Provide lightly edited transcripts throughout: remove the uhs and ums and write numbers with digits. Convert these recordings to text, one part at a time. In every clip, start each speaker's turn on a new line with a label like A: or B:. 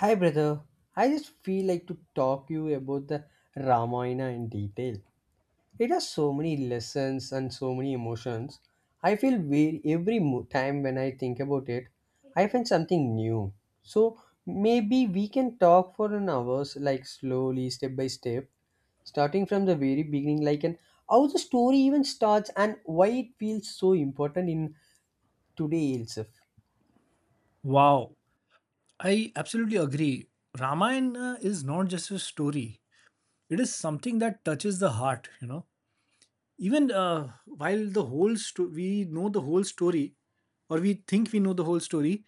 A: Hi brother, I just feel like to talk you about the Ramayana in detail. It has so many lessons and so many emotions. I feel we every time when I think about it, I find something new. So maybe we can talk for an hours like slowly step by step, starting from the very beginning like and how the story even starts and why it feels so important in today itself.
B: Wow, I absolutely agree. Ramayana is not just a story, it is something that touches the heart, you know. Even while the we know the whole story, or we think we know the whole story,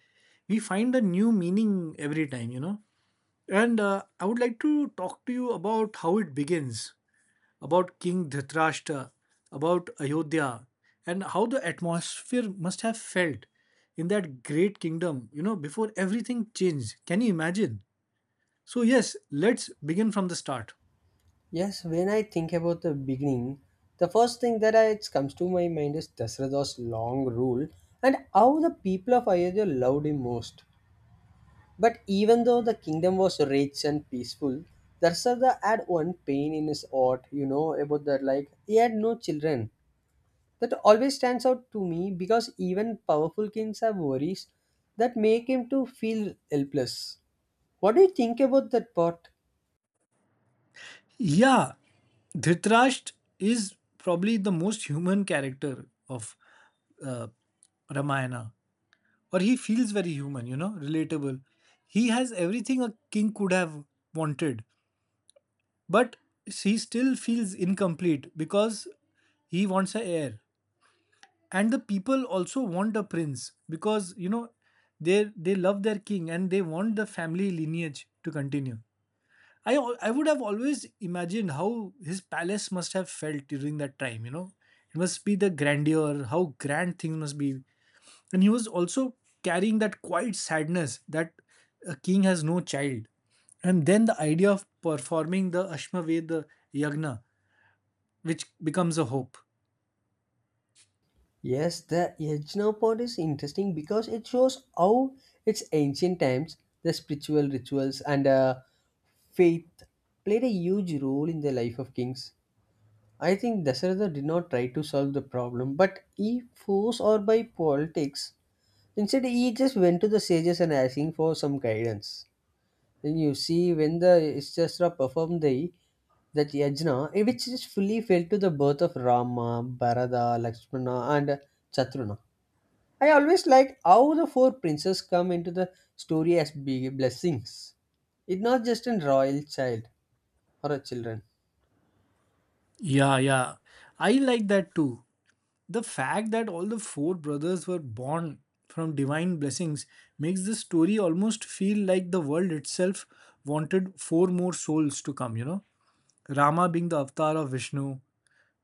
B: we find a new meaning every time, you know. And I would like to talk to you about how it begins about King Dhritarashtra, about Ayodhya, and how the atmosphere must have felt in that great kingdom, you know, before everything changed. Can you imagine? So, yes, let's begin from the start.
A: Yes, when I think about the beginning, the first thing that comes to my mind is Dasrada's long rule and how the people of Ayodhya loved him most. But even though the kingdom was rich and peaceful, Dasrada had one pain in his heart, you know, about that like he had no children. That always stands out to me because even powerful kings have worries that make him to feel helpless. What do you think about that part?
B: Yeah, Dhritarashtra is probably the most human character of uh, Ramayana, or he feels very human, you know, relatable. He has everything a king could have wanted. But he still feels incomplete because he wants a heir. And the people also want a prince because you know they love their king and they want the family lineage to continue. I I would have always imagined how his palace must have felt during that time. You know, it must be the grandeur, how grand things must be, and he was also carrying that quiet sadness that a king has no child. And then the idea of performing the Ashmaved, yagna, which becomes a hope.
A: Yes, the Yajna part is interesting because it shows how its ancient times, the spiritual rituals and faith played a huge role in the life of kings. I think Dasharatha did not try to solve the problem, but he forced or by politics. Instead, he just went to the sages and asking for some guidance. Then you see when the Ishtashra performed the that yajna, which is fully filled to the birth of Rama, Bharata, Lakshmana, and Chatruna. I always like how the four princes come into the story as big blessings. It's not just a royal child or a children.
B: Yeah, yeah. I like that too. The fact that all the four brothers were born from divine blessings makes the story almost feel like the world itself wanted four more souls to come, you know. Rama being the avatar of Vishnu,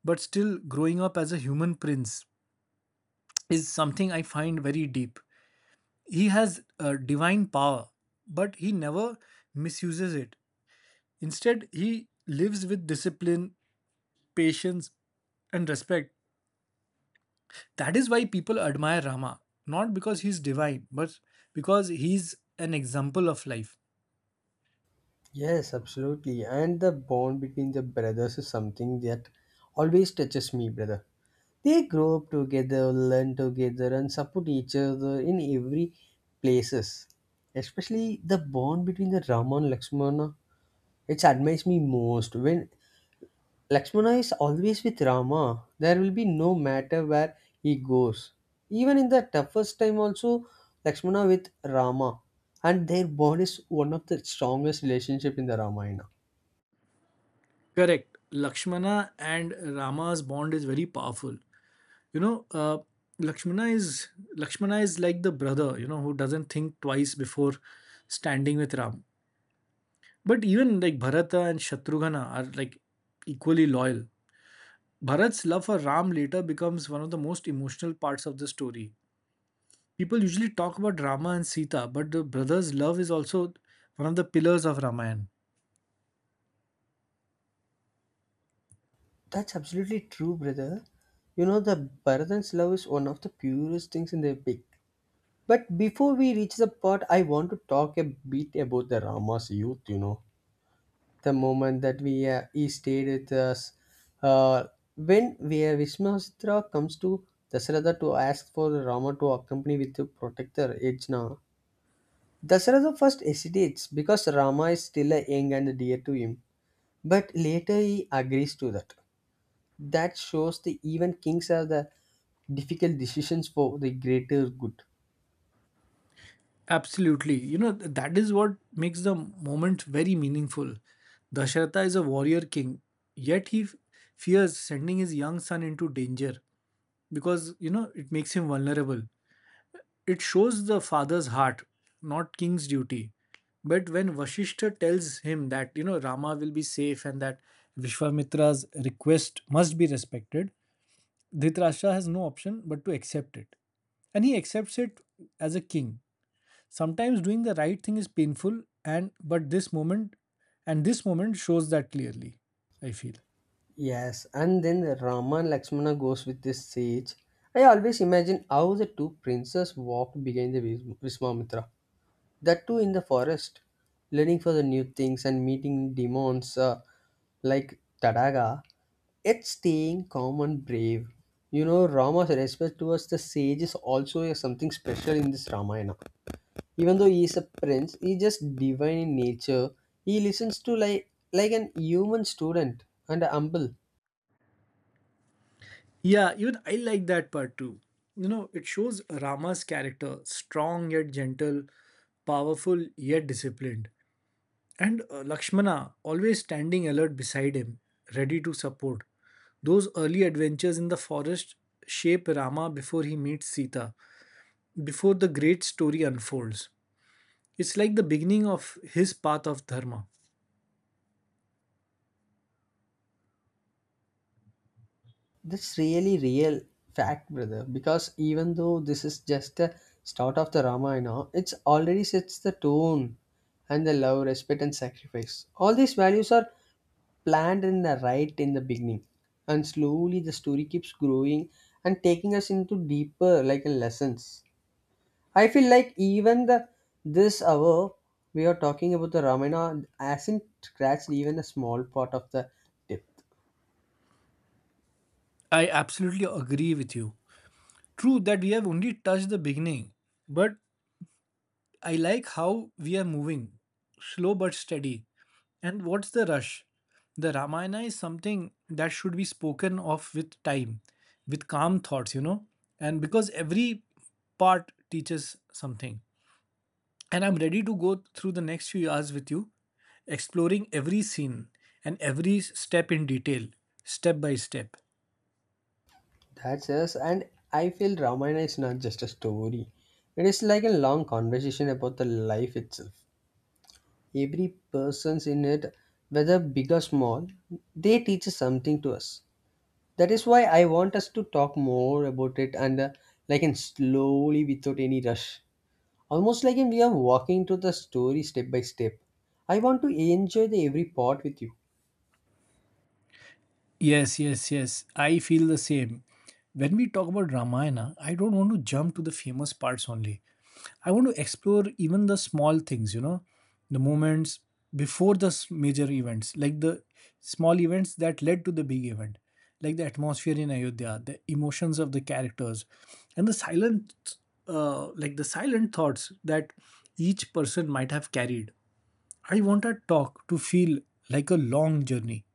B: but still growing up as a human prince is something I find very deep. He has divine power, but he never misuses it. Instead, he lives with discipline, patience, and respect. That is why people admire Rama, not because he's divine, but because he's an example of life.
A: Yes, absolutely. And the bond between the brothers is something that always touches me, brother. They grow up together, learn together, and support each other in every places. Especially the bond between the Rama and Lakshmana, it admires me most. When Lakshmana is always with Rama. There will be no matter where he goes. Even in the toughest time, also Lakshmana with Rama, and their bond is one of the strongest relationship in the Ramayana.
B: Correct. Lakshmana and Rama's bond is very powerful. You know, Lakshmana is Lakshmana is like the brother, you know, who doesn't think twice before standing with Ram. But even like Bharata and Shatrughna are like equally loyal. Bharat's love for Ram later becomes one of the most emotional parts of the story. People usually talk about Rama and Sita, but the brothers' love is also one of the pillars of Ramayana.
A: That's absolutely true, brother. You know the Bharatan's love is one of the purest things in the epic. But before we reach the part, I want to talk a bit about the Rama's youth. You know the moment that we he stayed with us. Uh, when where Vishwamitra comes to Dasharatha to ask for Rama to accompany with to protect the protector Yajna, Dasharatha first hesitates because Rama is still young and dear to him. But later he agrees to that. That shows the even kings have the difficult decisions for the greater good.
B: Absolutely. You know, that is what makes the moment very meaningful. Dasharatha is a warrior king, yet he fears sending his young son into danger because, you know, it makes him vulnerable. It shows the father's heart, not king's duty. But when Vashishta tells him that, you know, Rama will be safe and that Vishwamitra's request must be respected, Dhritarashtra has no option but to accept it. And he accepts it as a king. Sometimes doing the right thing is painful, and but this moment shows that clearly, I feel.
A: Yes, and then Rama and Lakshmana goes with this sage. I always imagine how the two princes walked behind the Viswamitra. That too in the forest, learning for the new things and meeting demons like Tadaga. It's staying calm and brave. You know, Rama's respect towards the sage is also something special in this Ramayana. Even though he is a prince, he is just divine in nature. He listens to like an human student and humble.
B: Yeah, even I like that part too. You know, it shows Rama's character strong yet gentle, powerful yet disciplined, and Lakshmana always standing alert beside him, ready to support. Those early adventures in the forest shape Rama before he meets Sita, before the great story unfolds. It's like the beginning of his path of dharma.
A: That's really real fact, brother. Because even though this is just the start of the Ramayana, it's already sets the tone and the love, respect, and sacrifice. All these values are planned in the right in the beginning, and slowly the story keeps growing and taking us into deeper like lessons. I feel like even the this hour we are talking about the Ramayana hasn't scratched even a small part of the tip.
B: I absolutely agree with you. True that we have only touched the beginning, but I like how we are moving, slow but steady. And what's the rush? The Ramayana is something that should be spoken of with time, with calm thoughts, you know, and because every part teaches something. And I'm ready to go through the next few hours with you exploring every scene and every step in detail, step by step.
A: That's us, and I feel Ramayana is not just a story. It is like a long conversation about the life itself. Every person's in it, whether big or small, they teach us something to us. That is why I want us to talk more about it and like in slowly without any rush. Almost like in we are walking through the story step by step. I want to enjoy the every part with you.
B: Yes, yes, yes. I feel the same. When we talk about Ramayana, I don't want to jump to the famous parts only. I want to explore even the small things, you know, the moments before the major events, like the small events that led to the big event, like the atmosphere in Ayodhya, the emotions of the characters, and the silent, like the silent thoughts that each person might have carried. I want our talk to feel like a long journey.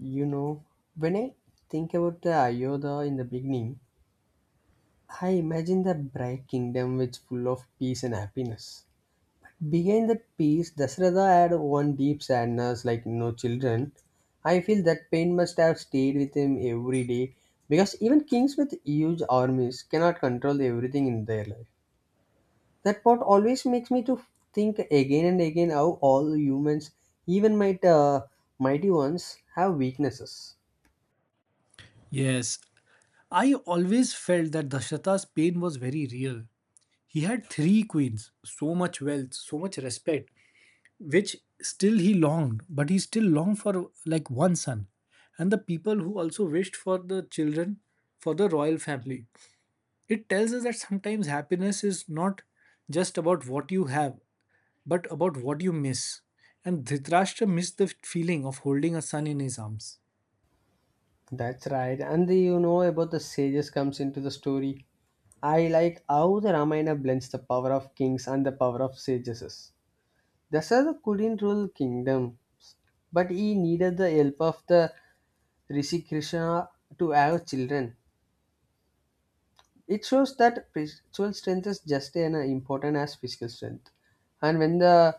A: You know, when I think about the Ayodhya in the beginning, I imagine the bright kingdom which full of peace and happiness. Behind that peace, Dasratha had one deep sadness like no children. I feel that pain must have stayed with him every day because even kings with huge armies cannot control everything in their life. That part always makes me to think again and again how all humans, even mighty ones, have weaknesses.
B: Yes, I always felt that Dashrata's pain was very real. He had three queens, so much wealth, so much respect, which still he longed, but he still longed for like one son. And the people who also wished for the children for the royal family. It tells us that sometimes happiness is not just about what you have, but about what you miss. And Dhritarashtra missed the feeling of holding a son in his arms.
A: That's right. And the, you know about the sages comes into the story. I like how the Ramayana blends the power of kings and the power of sages. Dasara couldn't rule kingdoms, but he needed the help of the Rishi Krishna to have children. It shows that spiritual strength is just as important as physical strength. And when the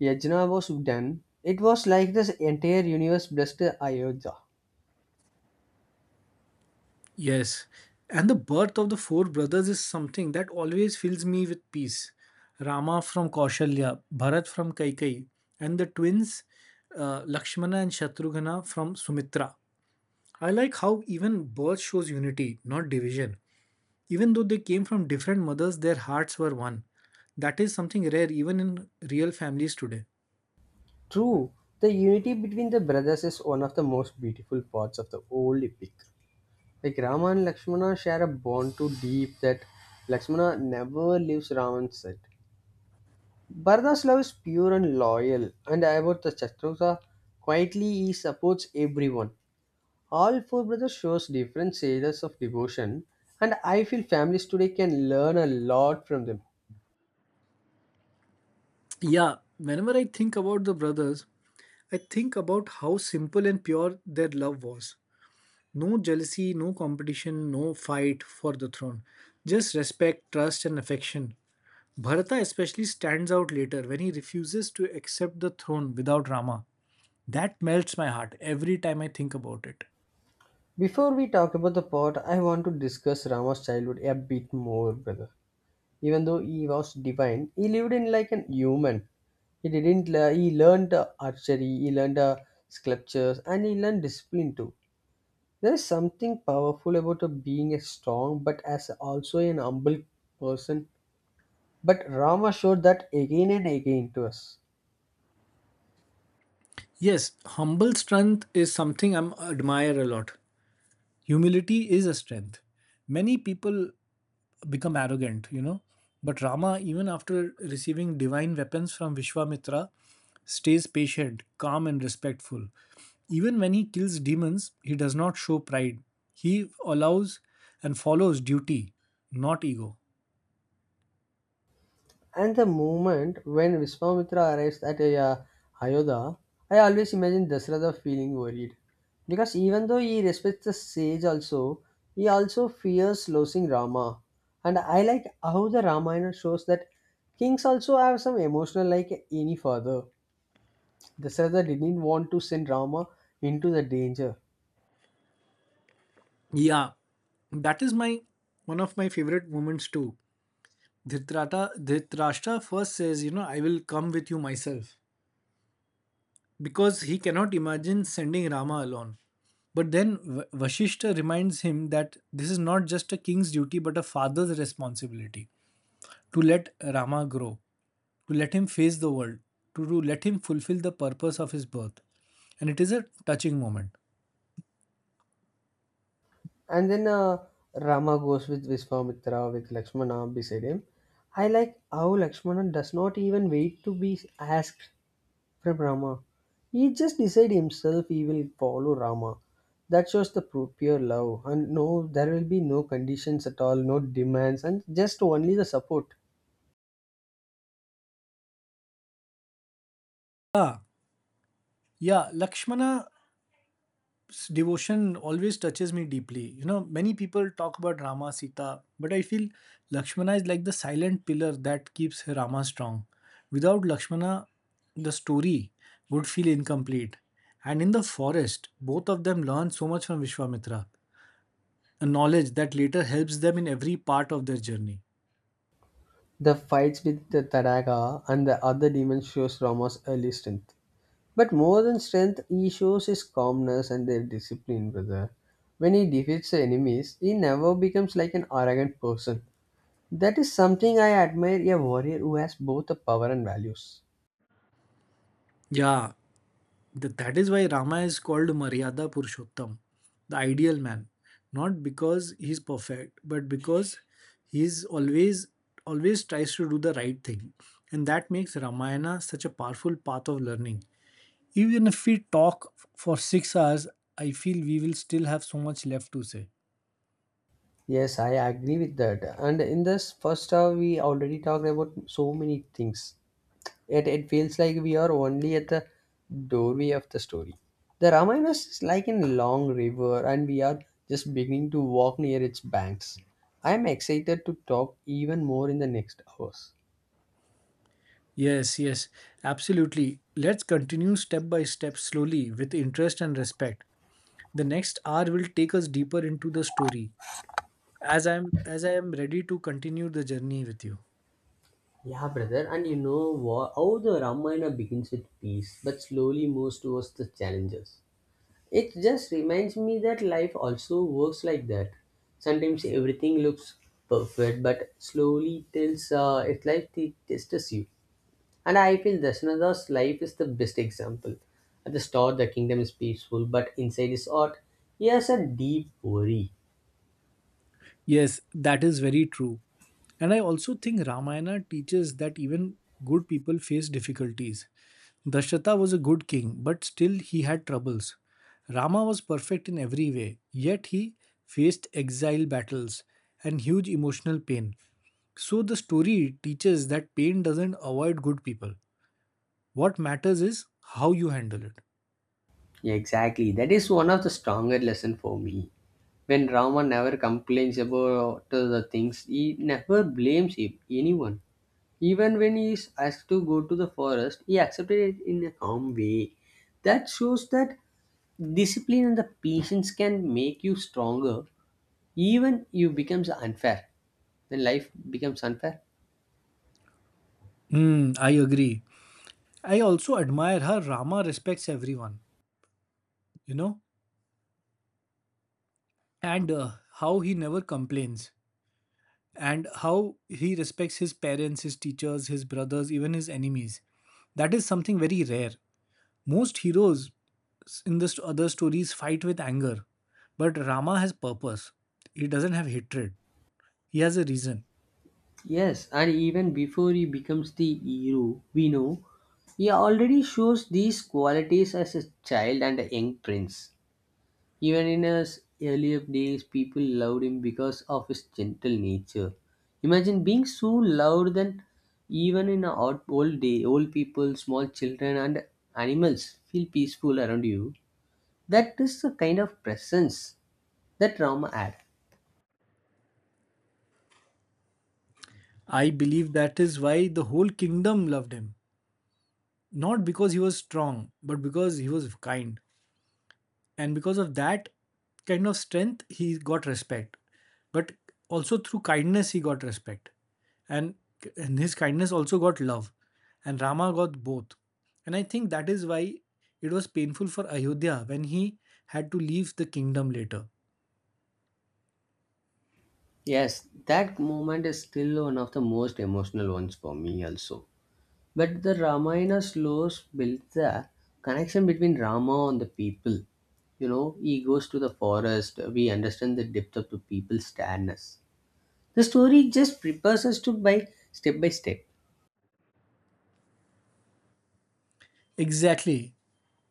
A: yajna was done, it was like this entire universe blessed Ayodhya.
B: Yes, and the birth of the four brothers is something that always fills me with peace. Rama from Kaushalya, Bharat from Kaikai, and the twins Lakshmana and Shatrughna from Sumitra. I like how even birth shows unity, not division. Even though they came from different mothers, their hearts were one. That is something rare even in real families today.
A: True, the unity between the brothers is one of the most beautiful parts of the whole epic. Like Rama and Lakshmana share a bond too deep that Lakshmana never leaves Rama's side. Bharata's love is pure and loyal, and about the Chatrugha, quietly he supports everyone. All four brothers shows different stages of devotion, and I feel families today can learn a lot from them.
B: Yeah, whenever I think about the brothers, I think about how simple and pure their love was. No jealousy, no competition, no fight for the throne. Just respect, trust, and affection. Bharata especially stands out later when he refuses to accept the throne without Rama. That melts my heart every time I think about it.
A: Before we talk about the part, I want to discuss Rama's childhood a bit more, brother. Even though he was divine, he lived in like an human. He didn't lear- he learned archery, he learned sculptures, and he learned discipline too. There is something powerful about a being a strong but as also an humble person, but Rama showed that again and again to us.
B: Yes, humble strength is something I admire a lot. Humility is a strength. Many people become arrogant, you know. But Rama, even after receiving divine weapons from Vishwamitra, stays patient, calm, and respectful. Even when he kills demons, he does not show pride. He allows and follows duty, not ego.
A: And the moment when Vishwamitra arrives at Ayodhya, I always imagine Dasratha feeling worried. Because even though he respects the sage also, he also fears losing Rama. And I like how the Ramayana shows that kings also have some emotional like any father. Dasratha didn't want to send Rama into the danger.
B: Yeah, that is my one of my favorite moments too. Dhritarashtra first says, you know, I will come with you myself because he cannot imagine sending Rama alone. But then Vashishta reminds him that this is not just a king's duty but a father's responsibility to let Rama grow, to let him face the world, to let him fulfill the purpose of his birth. And it is a touching moment.
A: And then Rama goes with Vishwamitra with Lakshmana beside him. I like how Lakshmana does not even wait to be asked from Rama. He just decide himself he will follow Rama. That shows the pure love. And no, there will be no conditions at all, no demands, and just only the support.
B: Ah, yeah, Lakshmana's devotion always touches me deeply. You know, many people talk about Rama, Sita, but I feel Lakshmana is like the silent pillar that keeps Rama strong. Without Lakshmana, the story would feel incomplete. And in the forest, both of them learn so much from Vishwamitra, a knowledge that later helps them in every part of their journey.
A: The fights with the Tadaga and the other demons shows Rama's early strength. But more than strength, he shows his calmness and their discipline, brother. When he defeats the enemies, he never becomes like an arrogant person. That is something I admire a warrior who has both the power and values.
B: Yeah, that is why Rama is called Maryada Purushottam, the ideal man. Not because he's perfect, but because he's always tries to do the right thing. And that makes Ramayana such a powerful path of learning. Even if we talk for 6 hours, I feel we will still have so much left to say.
A: Yes, I agree with that. And in this first hour, we already talked about so many things. It feels like we are only at the doorway of the story. The Ramayana is like a long river, and we are just beginning to walk near its banks. I am excited to talk even more in the next hours.
B: Yes, yes, absolutely. Let's continue step by step slowly with interest and respect. The next hour will take us deeper into the story, as I am ready to continue the journey with you.
A: Yeah, brother, and you know what? How the Ramayana begins with peace, but slowly moves towards the challenges. It just reminds me that life also works like that. Sometimes everything looks perfect, but slowly tells it life tests you. And I feel Dashnada's life is the best example. At the start, the kingdom is peaceful, but inside is odd. He has a deep worry.
B: Yes, that is very true. And I also think Ramayana teaches that even good people face difficulties. Dashrata was a good king, but still he had troubles. Rama was perfect in every way, yet he faced exile battles and huge emotional pain. So the story teaches that pain doesn't avoid good people. What matters is how you handle it.
A: Yeah, exactly. That is one of the stronger lesson for me. When Rama never complains about the things, he never blames him, anyone. Even when he is asked to go to the forest, he accepted it in a calm way. That shows that discipline and the patience can make you stronger even you becomes unfair when life becomes unfair.
B: Hmm, I agree. I also admire how Rama respects everyone, you know, and how he never complains, and how he respects his parents, his teachers, his brothers, even his enemies. That is something very rare. Most heroes in the other stories fight with anger, but Rama has purpose. He doesn't have hatred. He has a reason.
A: Yes, and even before he becomes the hero we know, he already shows these qualities as a child and a young prince. Even in his earlier days, people loved him because of his gentle nature. Imagine being so loved that even in our old day, old people, small children, and animals feel peaceful around you. That is the kind of presence that Rama had.
B: I believe that is why the whole kingdom loved him, not because he was strong, but because he was kind. And because of that kind of strength he got respect, but also through kindness he got respect, and, and his kindness also got love, and Rama got both. And I think that is why it was painful for Ayodhya when he had to leave the kingdom later.
A: Yes, that moment is still one of the most emotional ones for me, also. But the Ramayana slows builds the connection between Rama and the people. You know, he goes to the forest. We understand the depth of the people's sadness. The story just prepares us to by step by step.
B: Exactly.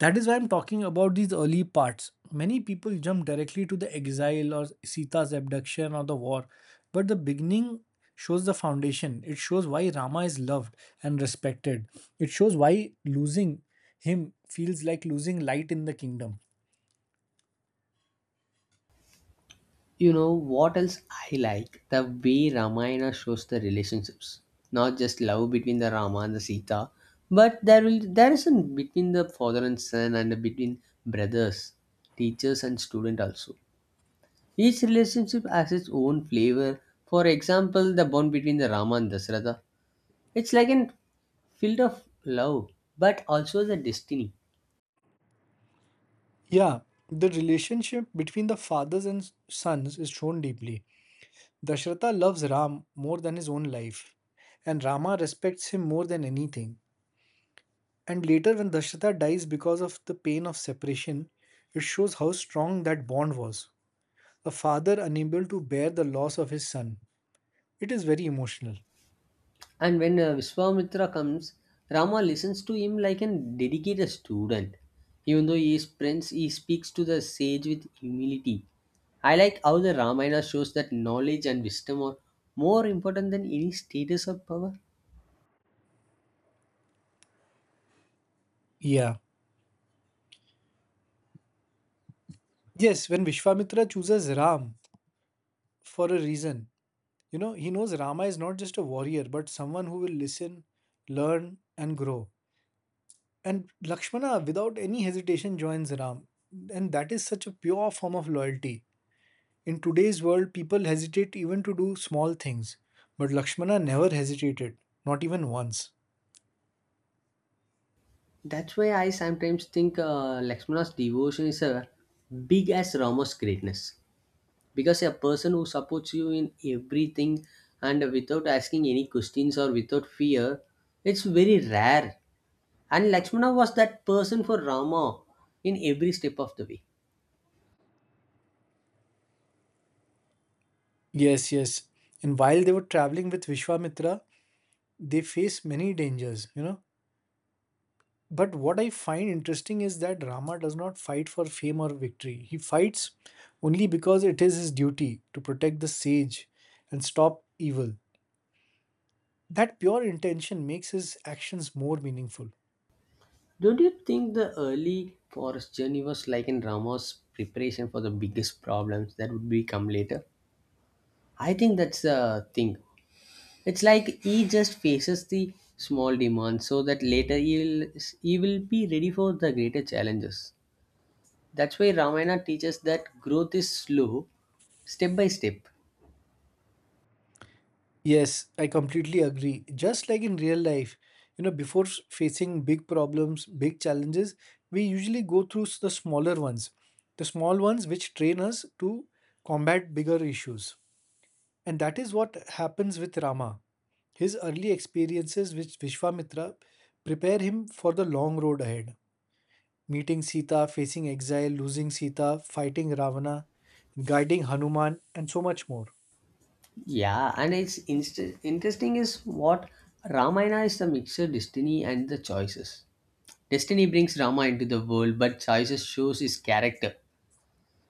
B: That is why I'm talking about these early parts. Many people jump directly to the exile or Sita's abduction or the war, but the beginning shows the foundation. It shows why Rama is loved and respected. It shows why losing him feels like losing light in the kingdom.
A: You know what else I like? The way Ramayana shows the relationships, not just love between the Rama and the Sita, but there is a between the father and son and between brothers, teachers and student also. Each relationship has its own flavor. For example, the bond between the Rama and Dasratha. It's like an field of love, but also the destiny.
B: Yeah, the relationship between the fathers and sons is shown deeply. Dashrata loves Ram more than his own life, and Rama respects him more than anything. And later, when Dashrata dies because of the pain of separation, it shows how strong that bond was. A father unable to bear the loss of his son. It is very emotional.
A: And when Vishwamitra comes, Rama listens to him like a dedicated student. Even though he is prince, he speaks to the sage with humility. I like how the Ramayana shows that knowledge and wisdom are more important than any status or power.
B: Yeah. Yes, when Vishwamitra chooses Ram for a reason, you know, he knows Rama is not just a warrior, but someone who will listen, learn, and grow. And Lakshmana, without any hesitation, joins Ram. And that is such a pure form of loyalty. In today's world, people hesitate even to do small things, but Lakshmana never hesitated, not even once.
A: That's why I sometimes think Lakshmana's devotion is a big as Rama's greatness. Because a person who supports you in everything and without asking any questions or without fear, it's very rare. And Lakshmana was that person for Rama in every step of the way.
B: Yes, yes. And while they were traveling with Vishwamitra, they faced many dangers, you know. But what I find interesting is that Rama does not fight for fame or victory. He fights only because it is his duty to protect the sage and stop evil. That pure intention makes his actions more meaningful.
A: Don't you think the early forest journey was like in Rama's preparation for the biggest problems that would become later? I think that's the thing. It's like he just faces the small demands so that he will be ready for the greater challenges. That's why Ramayana teaches that growth is slow, step by step.
B: Yes, I completely agree. Just like in real life, you know, before facing big problems, big challenges, we usually go through the smaller ones, the small ones which train us to combat bigger issues. And that is what happens with Rama. His early experiences with Vishwamitra prepare him for the long road ahead. Meeting Sita, facing exile, losing Sita, fighting Ravana, guiding Hanuman, and so much more.
A: Yeah, and it's interesting is what Ramayana is the mixture destiny and the choices. Destiny brings Rama into the world, but choices shows his character.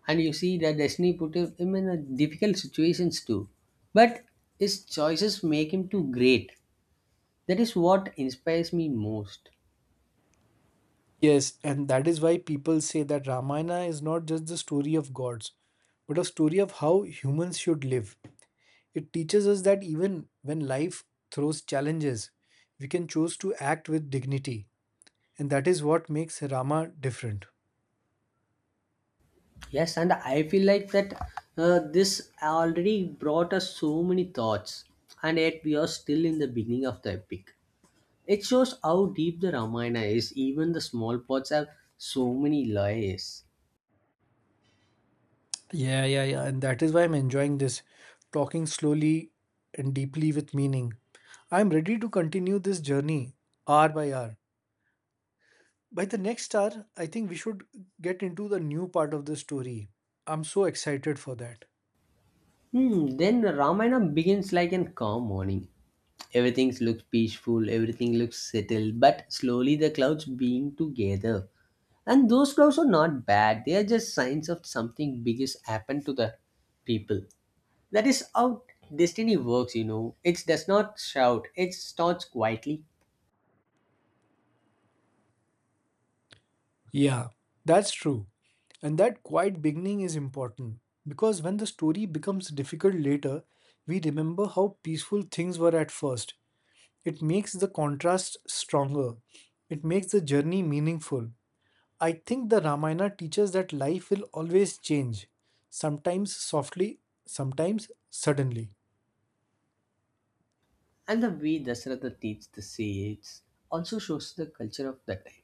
A: And you see that destiny put him in a difficult situations too. But his choices make him too great. That is what inspires me most.
B: Yes, and that is why people say that Ramayana is not just the story of gods, but a story of how humans should live. It teaches us that even when life throws challenges, we can choose to act with dignity. And that is what makes Rama different.
A: Yes, and I feel like that this already brought us so many thoughts, and yet we are still in the beginning of the epic. It shows how deep the Ramayana is. Even the small parts have so many layers.
B: Yeah, yeah, yeah. And that is why I'm enjoying this, talking slowly and deeply with meaning. I'm ready to continue this journey hour by hour. By the next hour, I think we should get into the new part of the story. I'm so excited for that.
A: Hmm, then the Ramayana begins like a calm morning. Everything looks peaceful, everything looks settled, but slowly the clouds being together. And those clouds are not bad, they are just signs of something big has happened to the people. That is how destiny works, you know. It does not shout, it starts quietly.
B: Yeah, that's true. And that quiet beginning is important because when the story becomes difficult later, we remember how peaceful things were at first. It makes the contrast stronger, it makes the journey meaningful. I think the Ramayana teaches that life will always change, sometimes softly, sometimes suddenly.
A: And the way Dasratha teaches the sage also shows the culture of that time.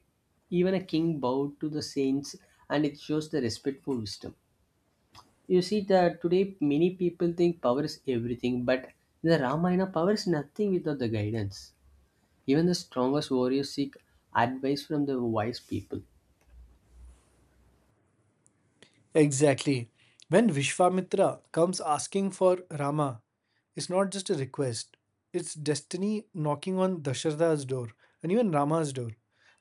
A: Even a king bowed to the saints, and it shows the respect for wisdom. You see that today many people think power is everything, but in the Ramayana, power is nothing without the guidance. Even the strongest warriors seek advice from the wise people.
B: Exactly. When Vishwamitra comes asking for Rama, it's not just a request, it's destiny knocking on Dasharatha's door and even Rama's door.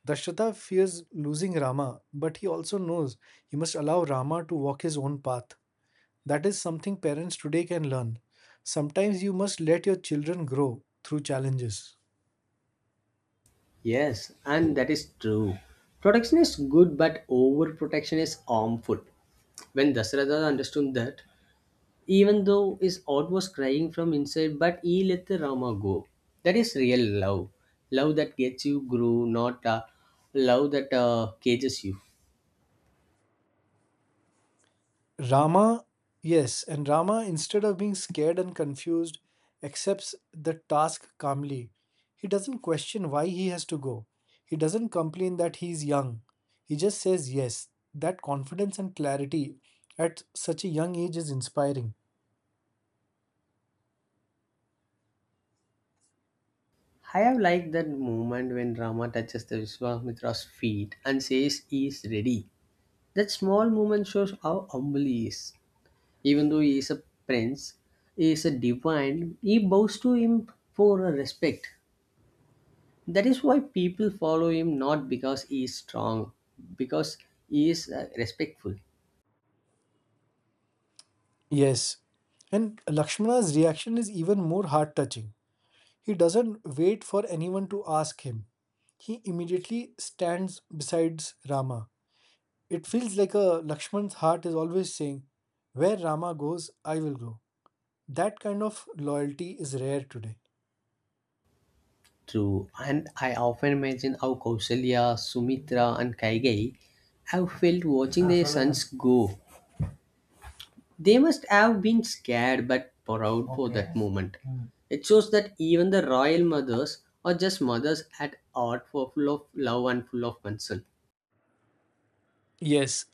B: Dasharatha fears losing Rama, but he also knows he must allow Rama to walk his own path. That is something parents today can learn. Sometimes you must let your children grow through challenges.
A: Yes, and that is true. Protection is good, but overprotection is harmful. When Dasratha understood that, even though his heart was crying from inside, but he let the Rama go. That is real love. Love that gets you grow, not love that cages you.
B: Rama, yes, and Rama, instead of being scared and confused, accepts the task calmly. He doesn't question why he has to go. He doesn't complain that he is young. He just says yes. That confidence and clarity at such a young age is inspiring.
A: I have liked that moment when Rama touches the Vishwamitra's feet and says he is ready. That small moment shows how humble he is. Even though he is a prince, he is a divine, he bows to him for a respect. That is why people follow him, not because he is strong, because he is respectful.
B: Yes. And Lakshmana's reaction is even more heart touching. He doesn't wait for anyone to ask him. He immediately stands beside Rama. It feels like a Lakshman's heart is always saying, where Rama goes, I will go. That kind of loyalty is rare today.
A: True, and I often imagine how Kausalya, Sumitra, and Kaigai have felt watching their sons go. They must have been scared but proud for Okay. that moment. Mm. It shows that even the royal mothers are just mothers at heart for full of love and full of concern.
B: Yes,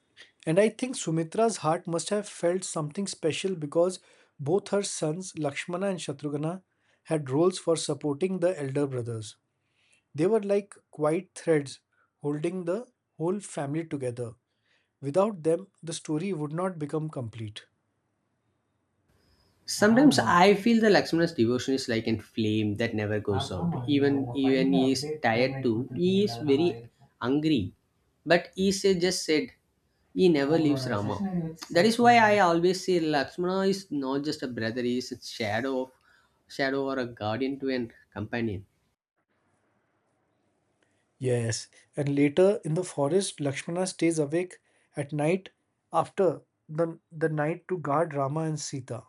B: and I think Sumitra's heart must have felt something special because both her sons, Lakshmana and Shatrughna, had roles for supporting the elder brothers. They were like quiet threads holding the whole family together. Without them, the story would not become complete.
A: Sometimes, ah, I feel the Lakshmana's devotion is like a flame that never goes out. Even even he is tired too. He is very angry. But he say, just said he never leaves Rama. That is why I always say Lakshmana is not just a brother, he is a shadow or a guardian to a companion.
B: Yes, and later in the forest, Lakshmana stays awake at night after the night to guard Rama and Sita.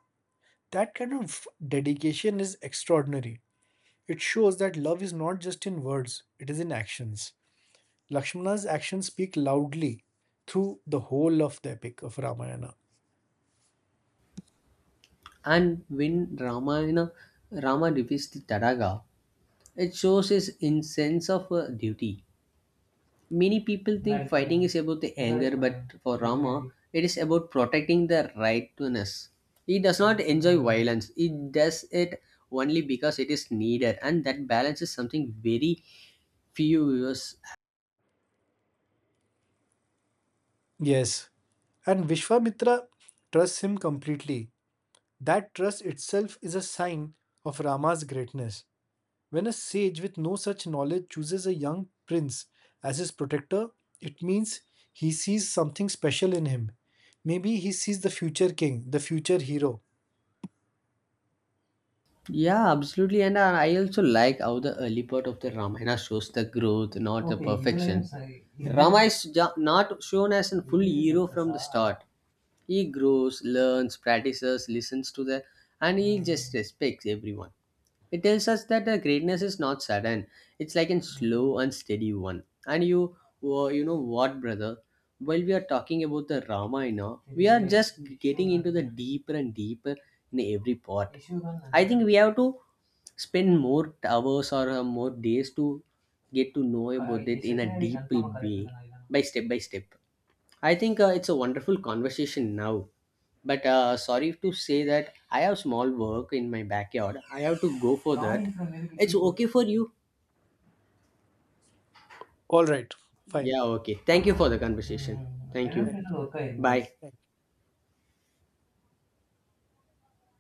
B: That kind of dedication is extraordinary. It shows that love is not just in words, it is in actions. Lakshmana's actions speak loudly through the whole of the epic of Ramayana.
A: And when Rama defeats the Taraga, it shows his insense of duty. Many people think fighting is about the anger, but for Rama, it is about protecting the rightness. He does not enjoy violence. He does it only because it is needed, and that balance is something very few viewers.
B: Yes, and Vishwamitra trusts him completely. That trust itself is a sign of Rama's greatness. When a sage with no such knowledge chooses a young prince as his protector, it means he sees something special in him. Maybe he sees the future king, the future hero.
A: Yeah, absolutely. And I also like how the early part of the Ramayana shows the growth, not the perfection. Rama is not shown as a full hero from the start. He grows, learns, practices, listens to the, and he just respects everyone. It tells us that the greatness is not sudden. It's like a slow and steady one. And you, you know what, brother? While we are talking about the Ramayana, we are just getting into the deeper and deeper in every part. I think we have to spend more hours or more days to get to know about it in a deep way by step by step. I think it's a wonderful conversation now, but sorry to say that I have small work in my backyard, I have to go for that. It's okay for you?
B: All right, fine.
A: Yeah, okay, thank you for the conversation. Thank you.
B: Thank you.
A: Bye.
B: Thank you.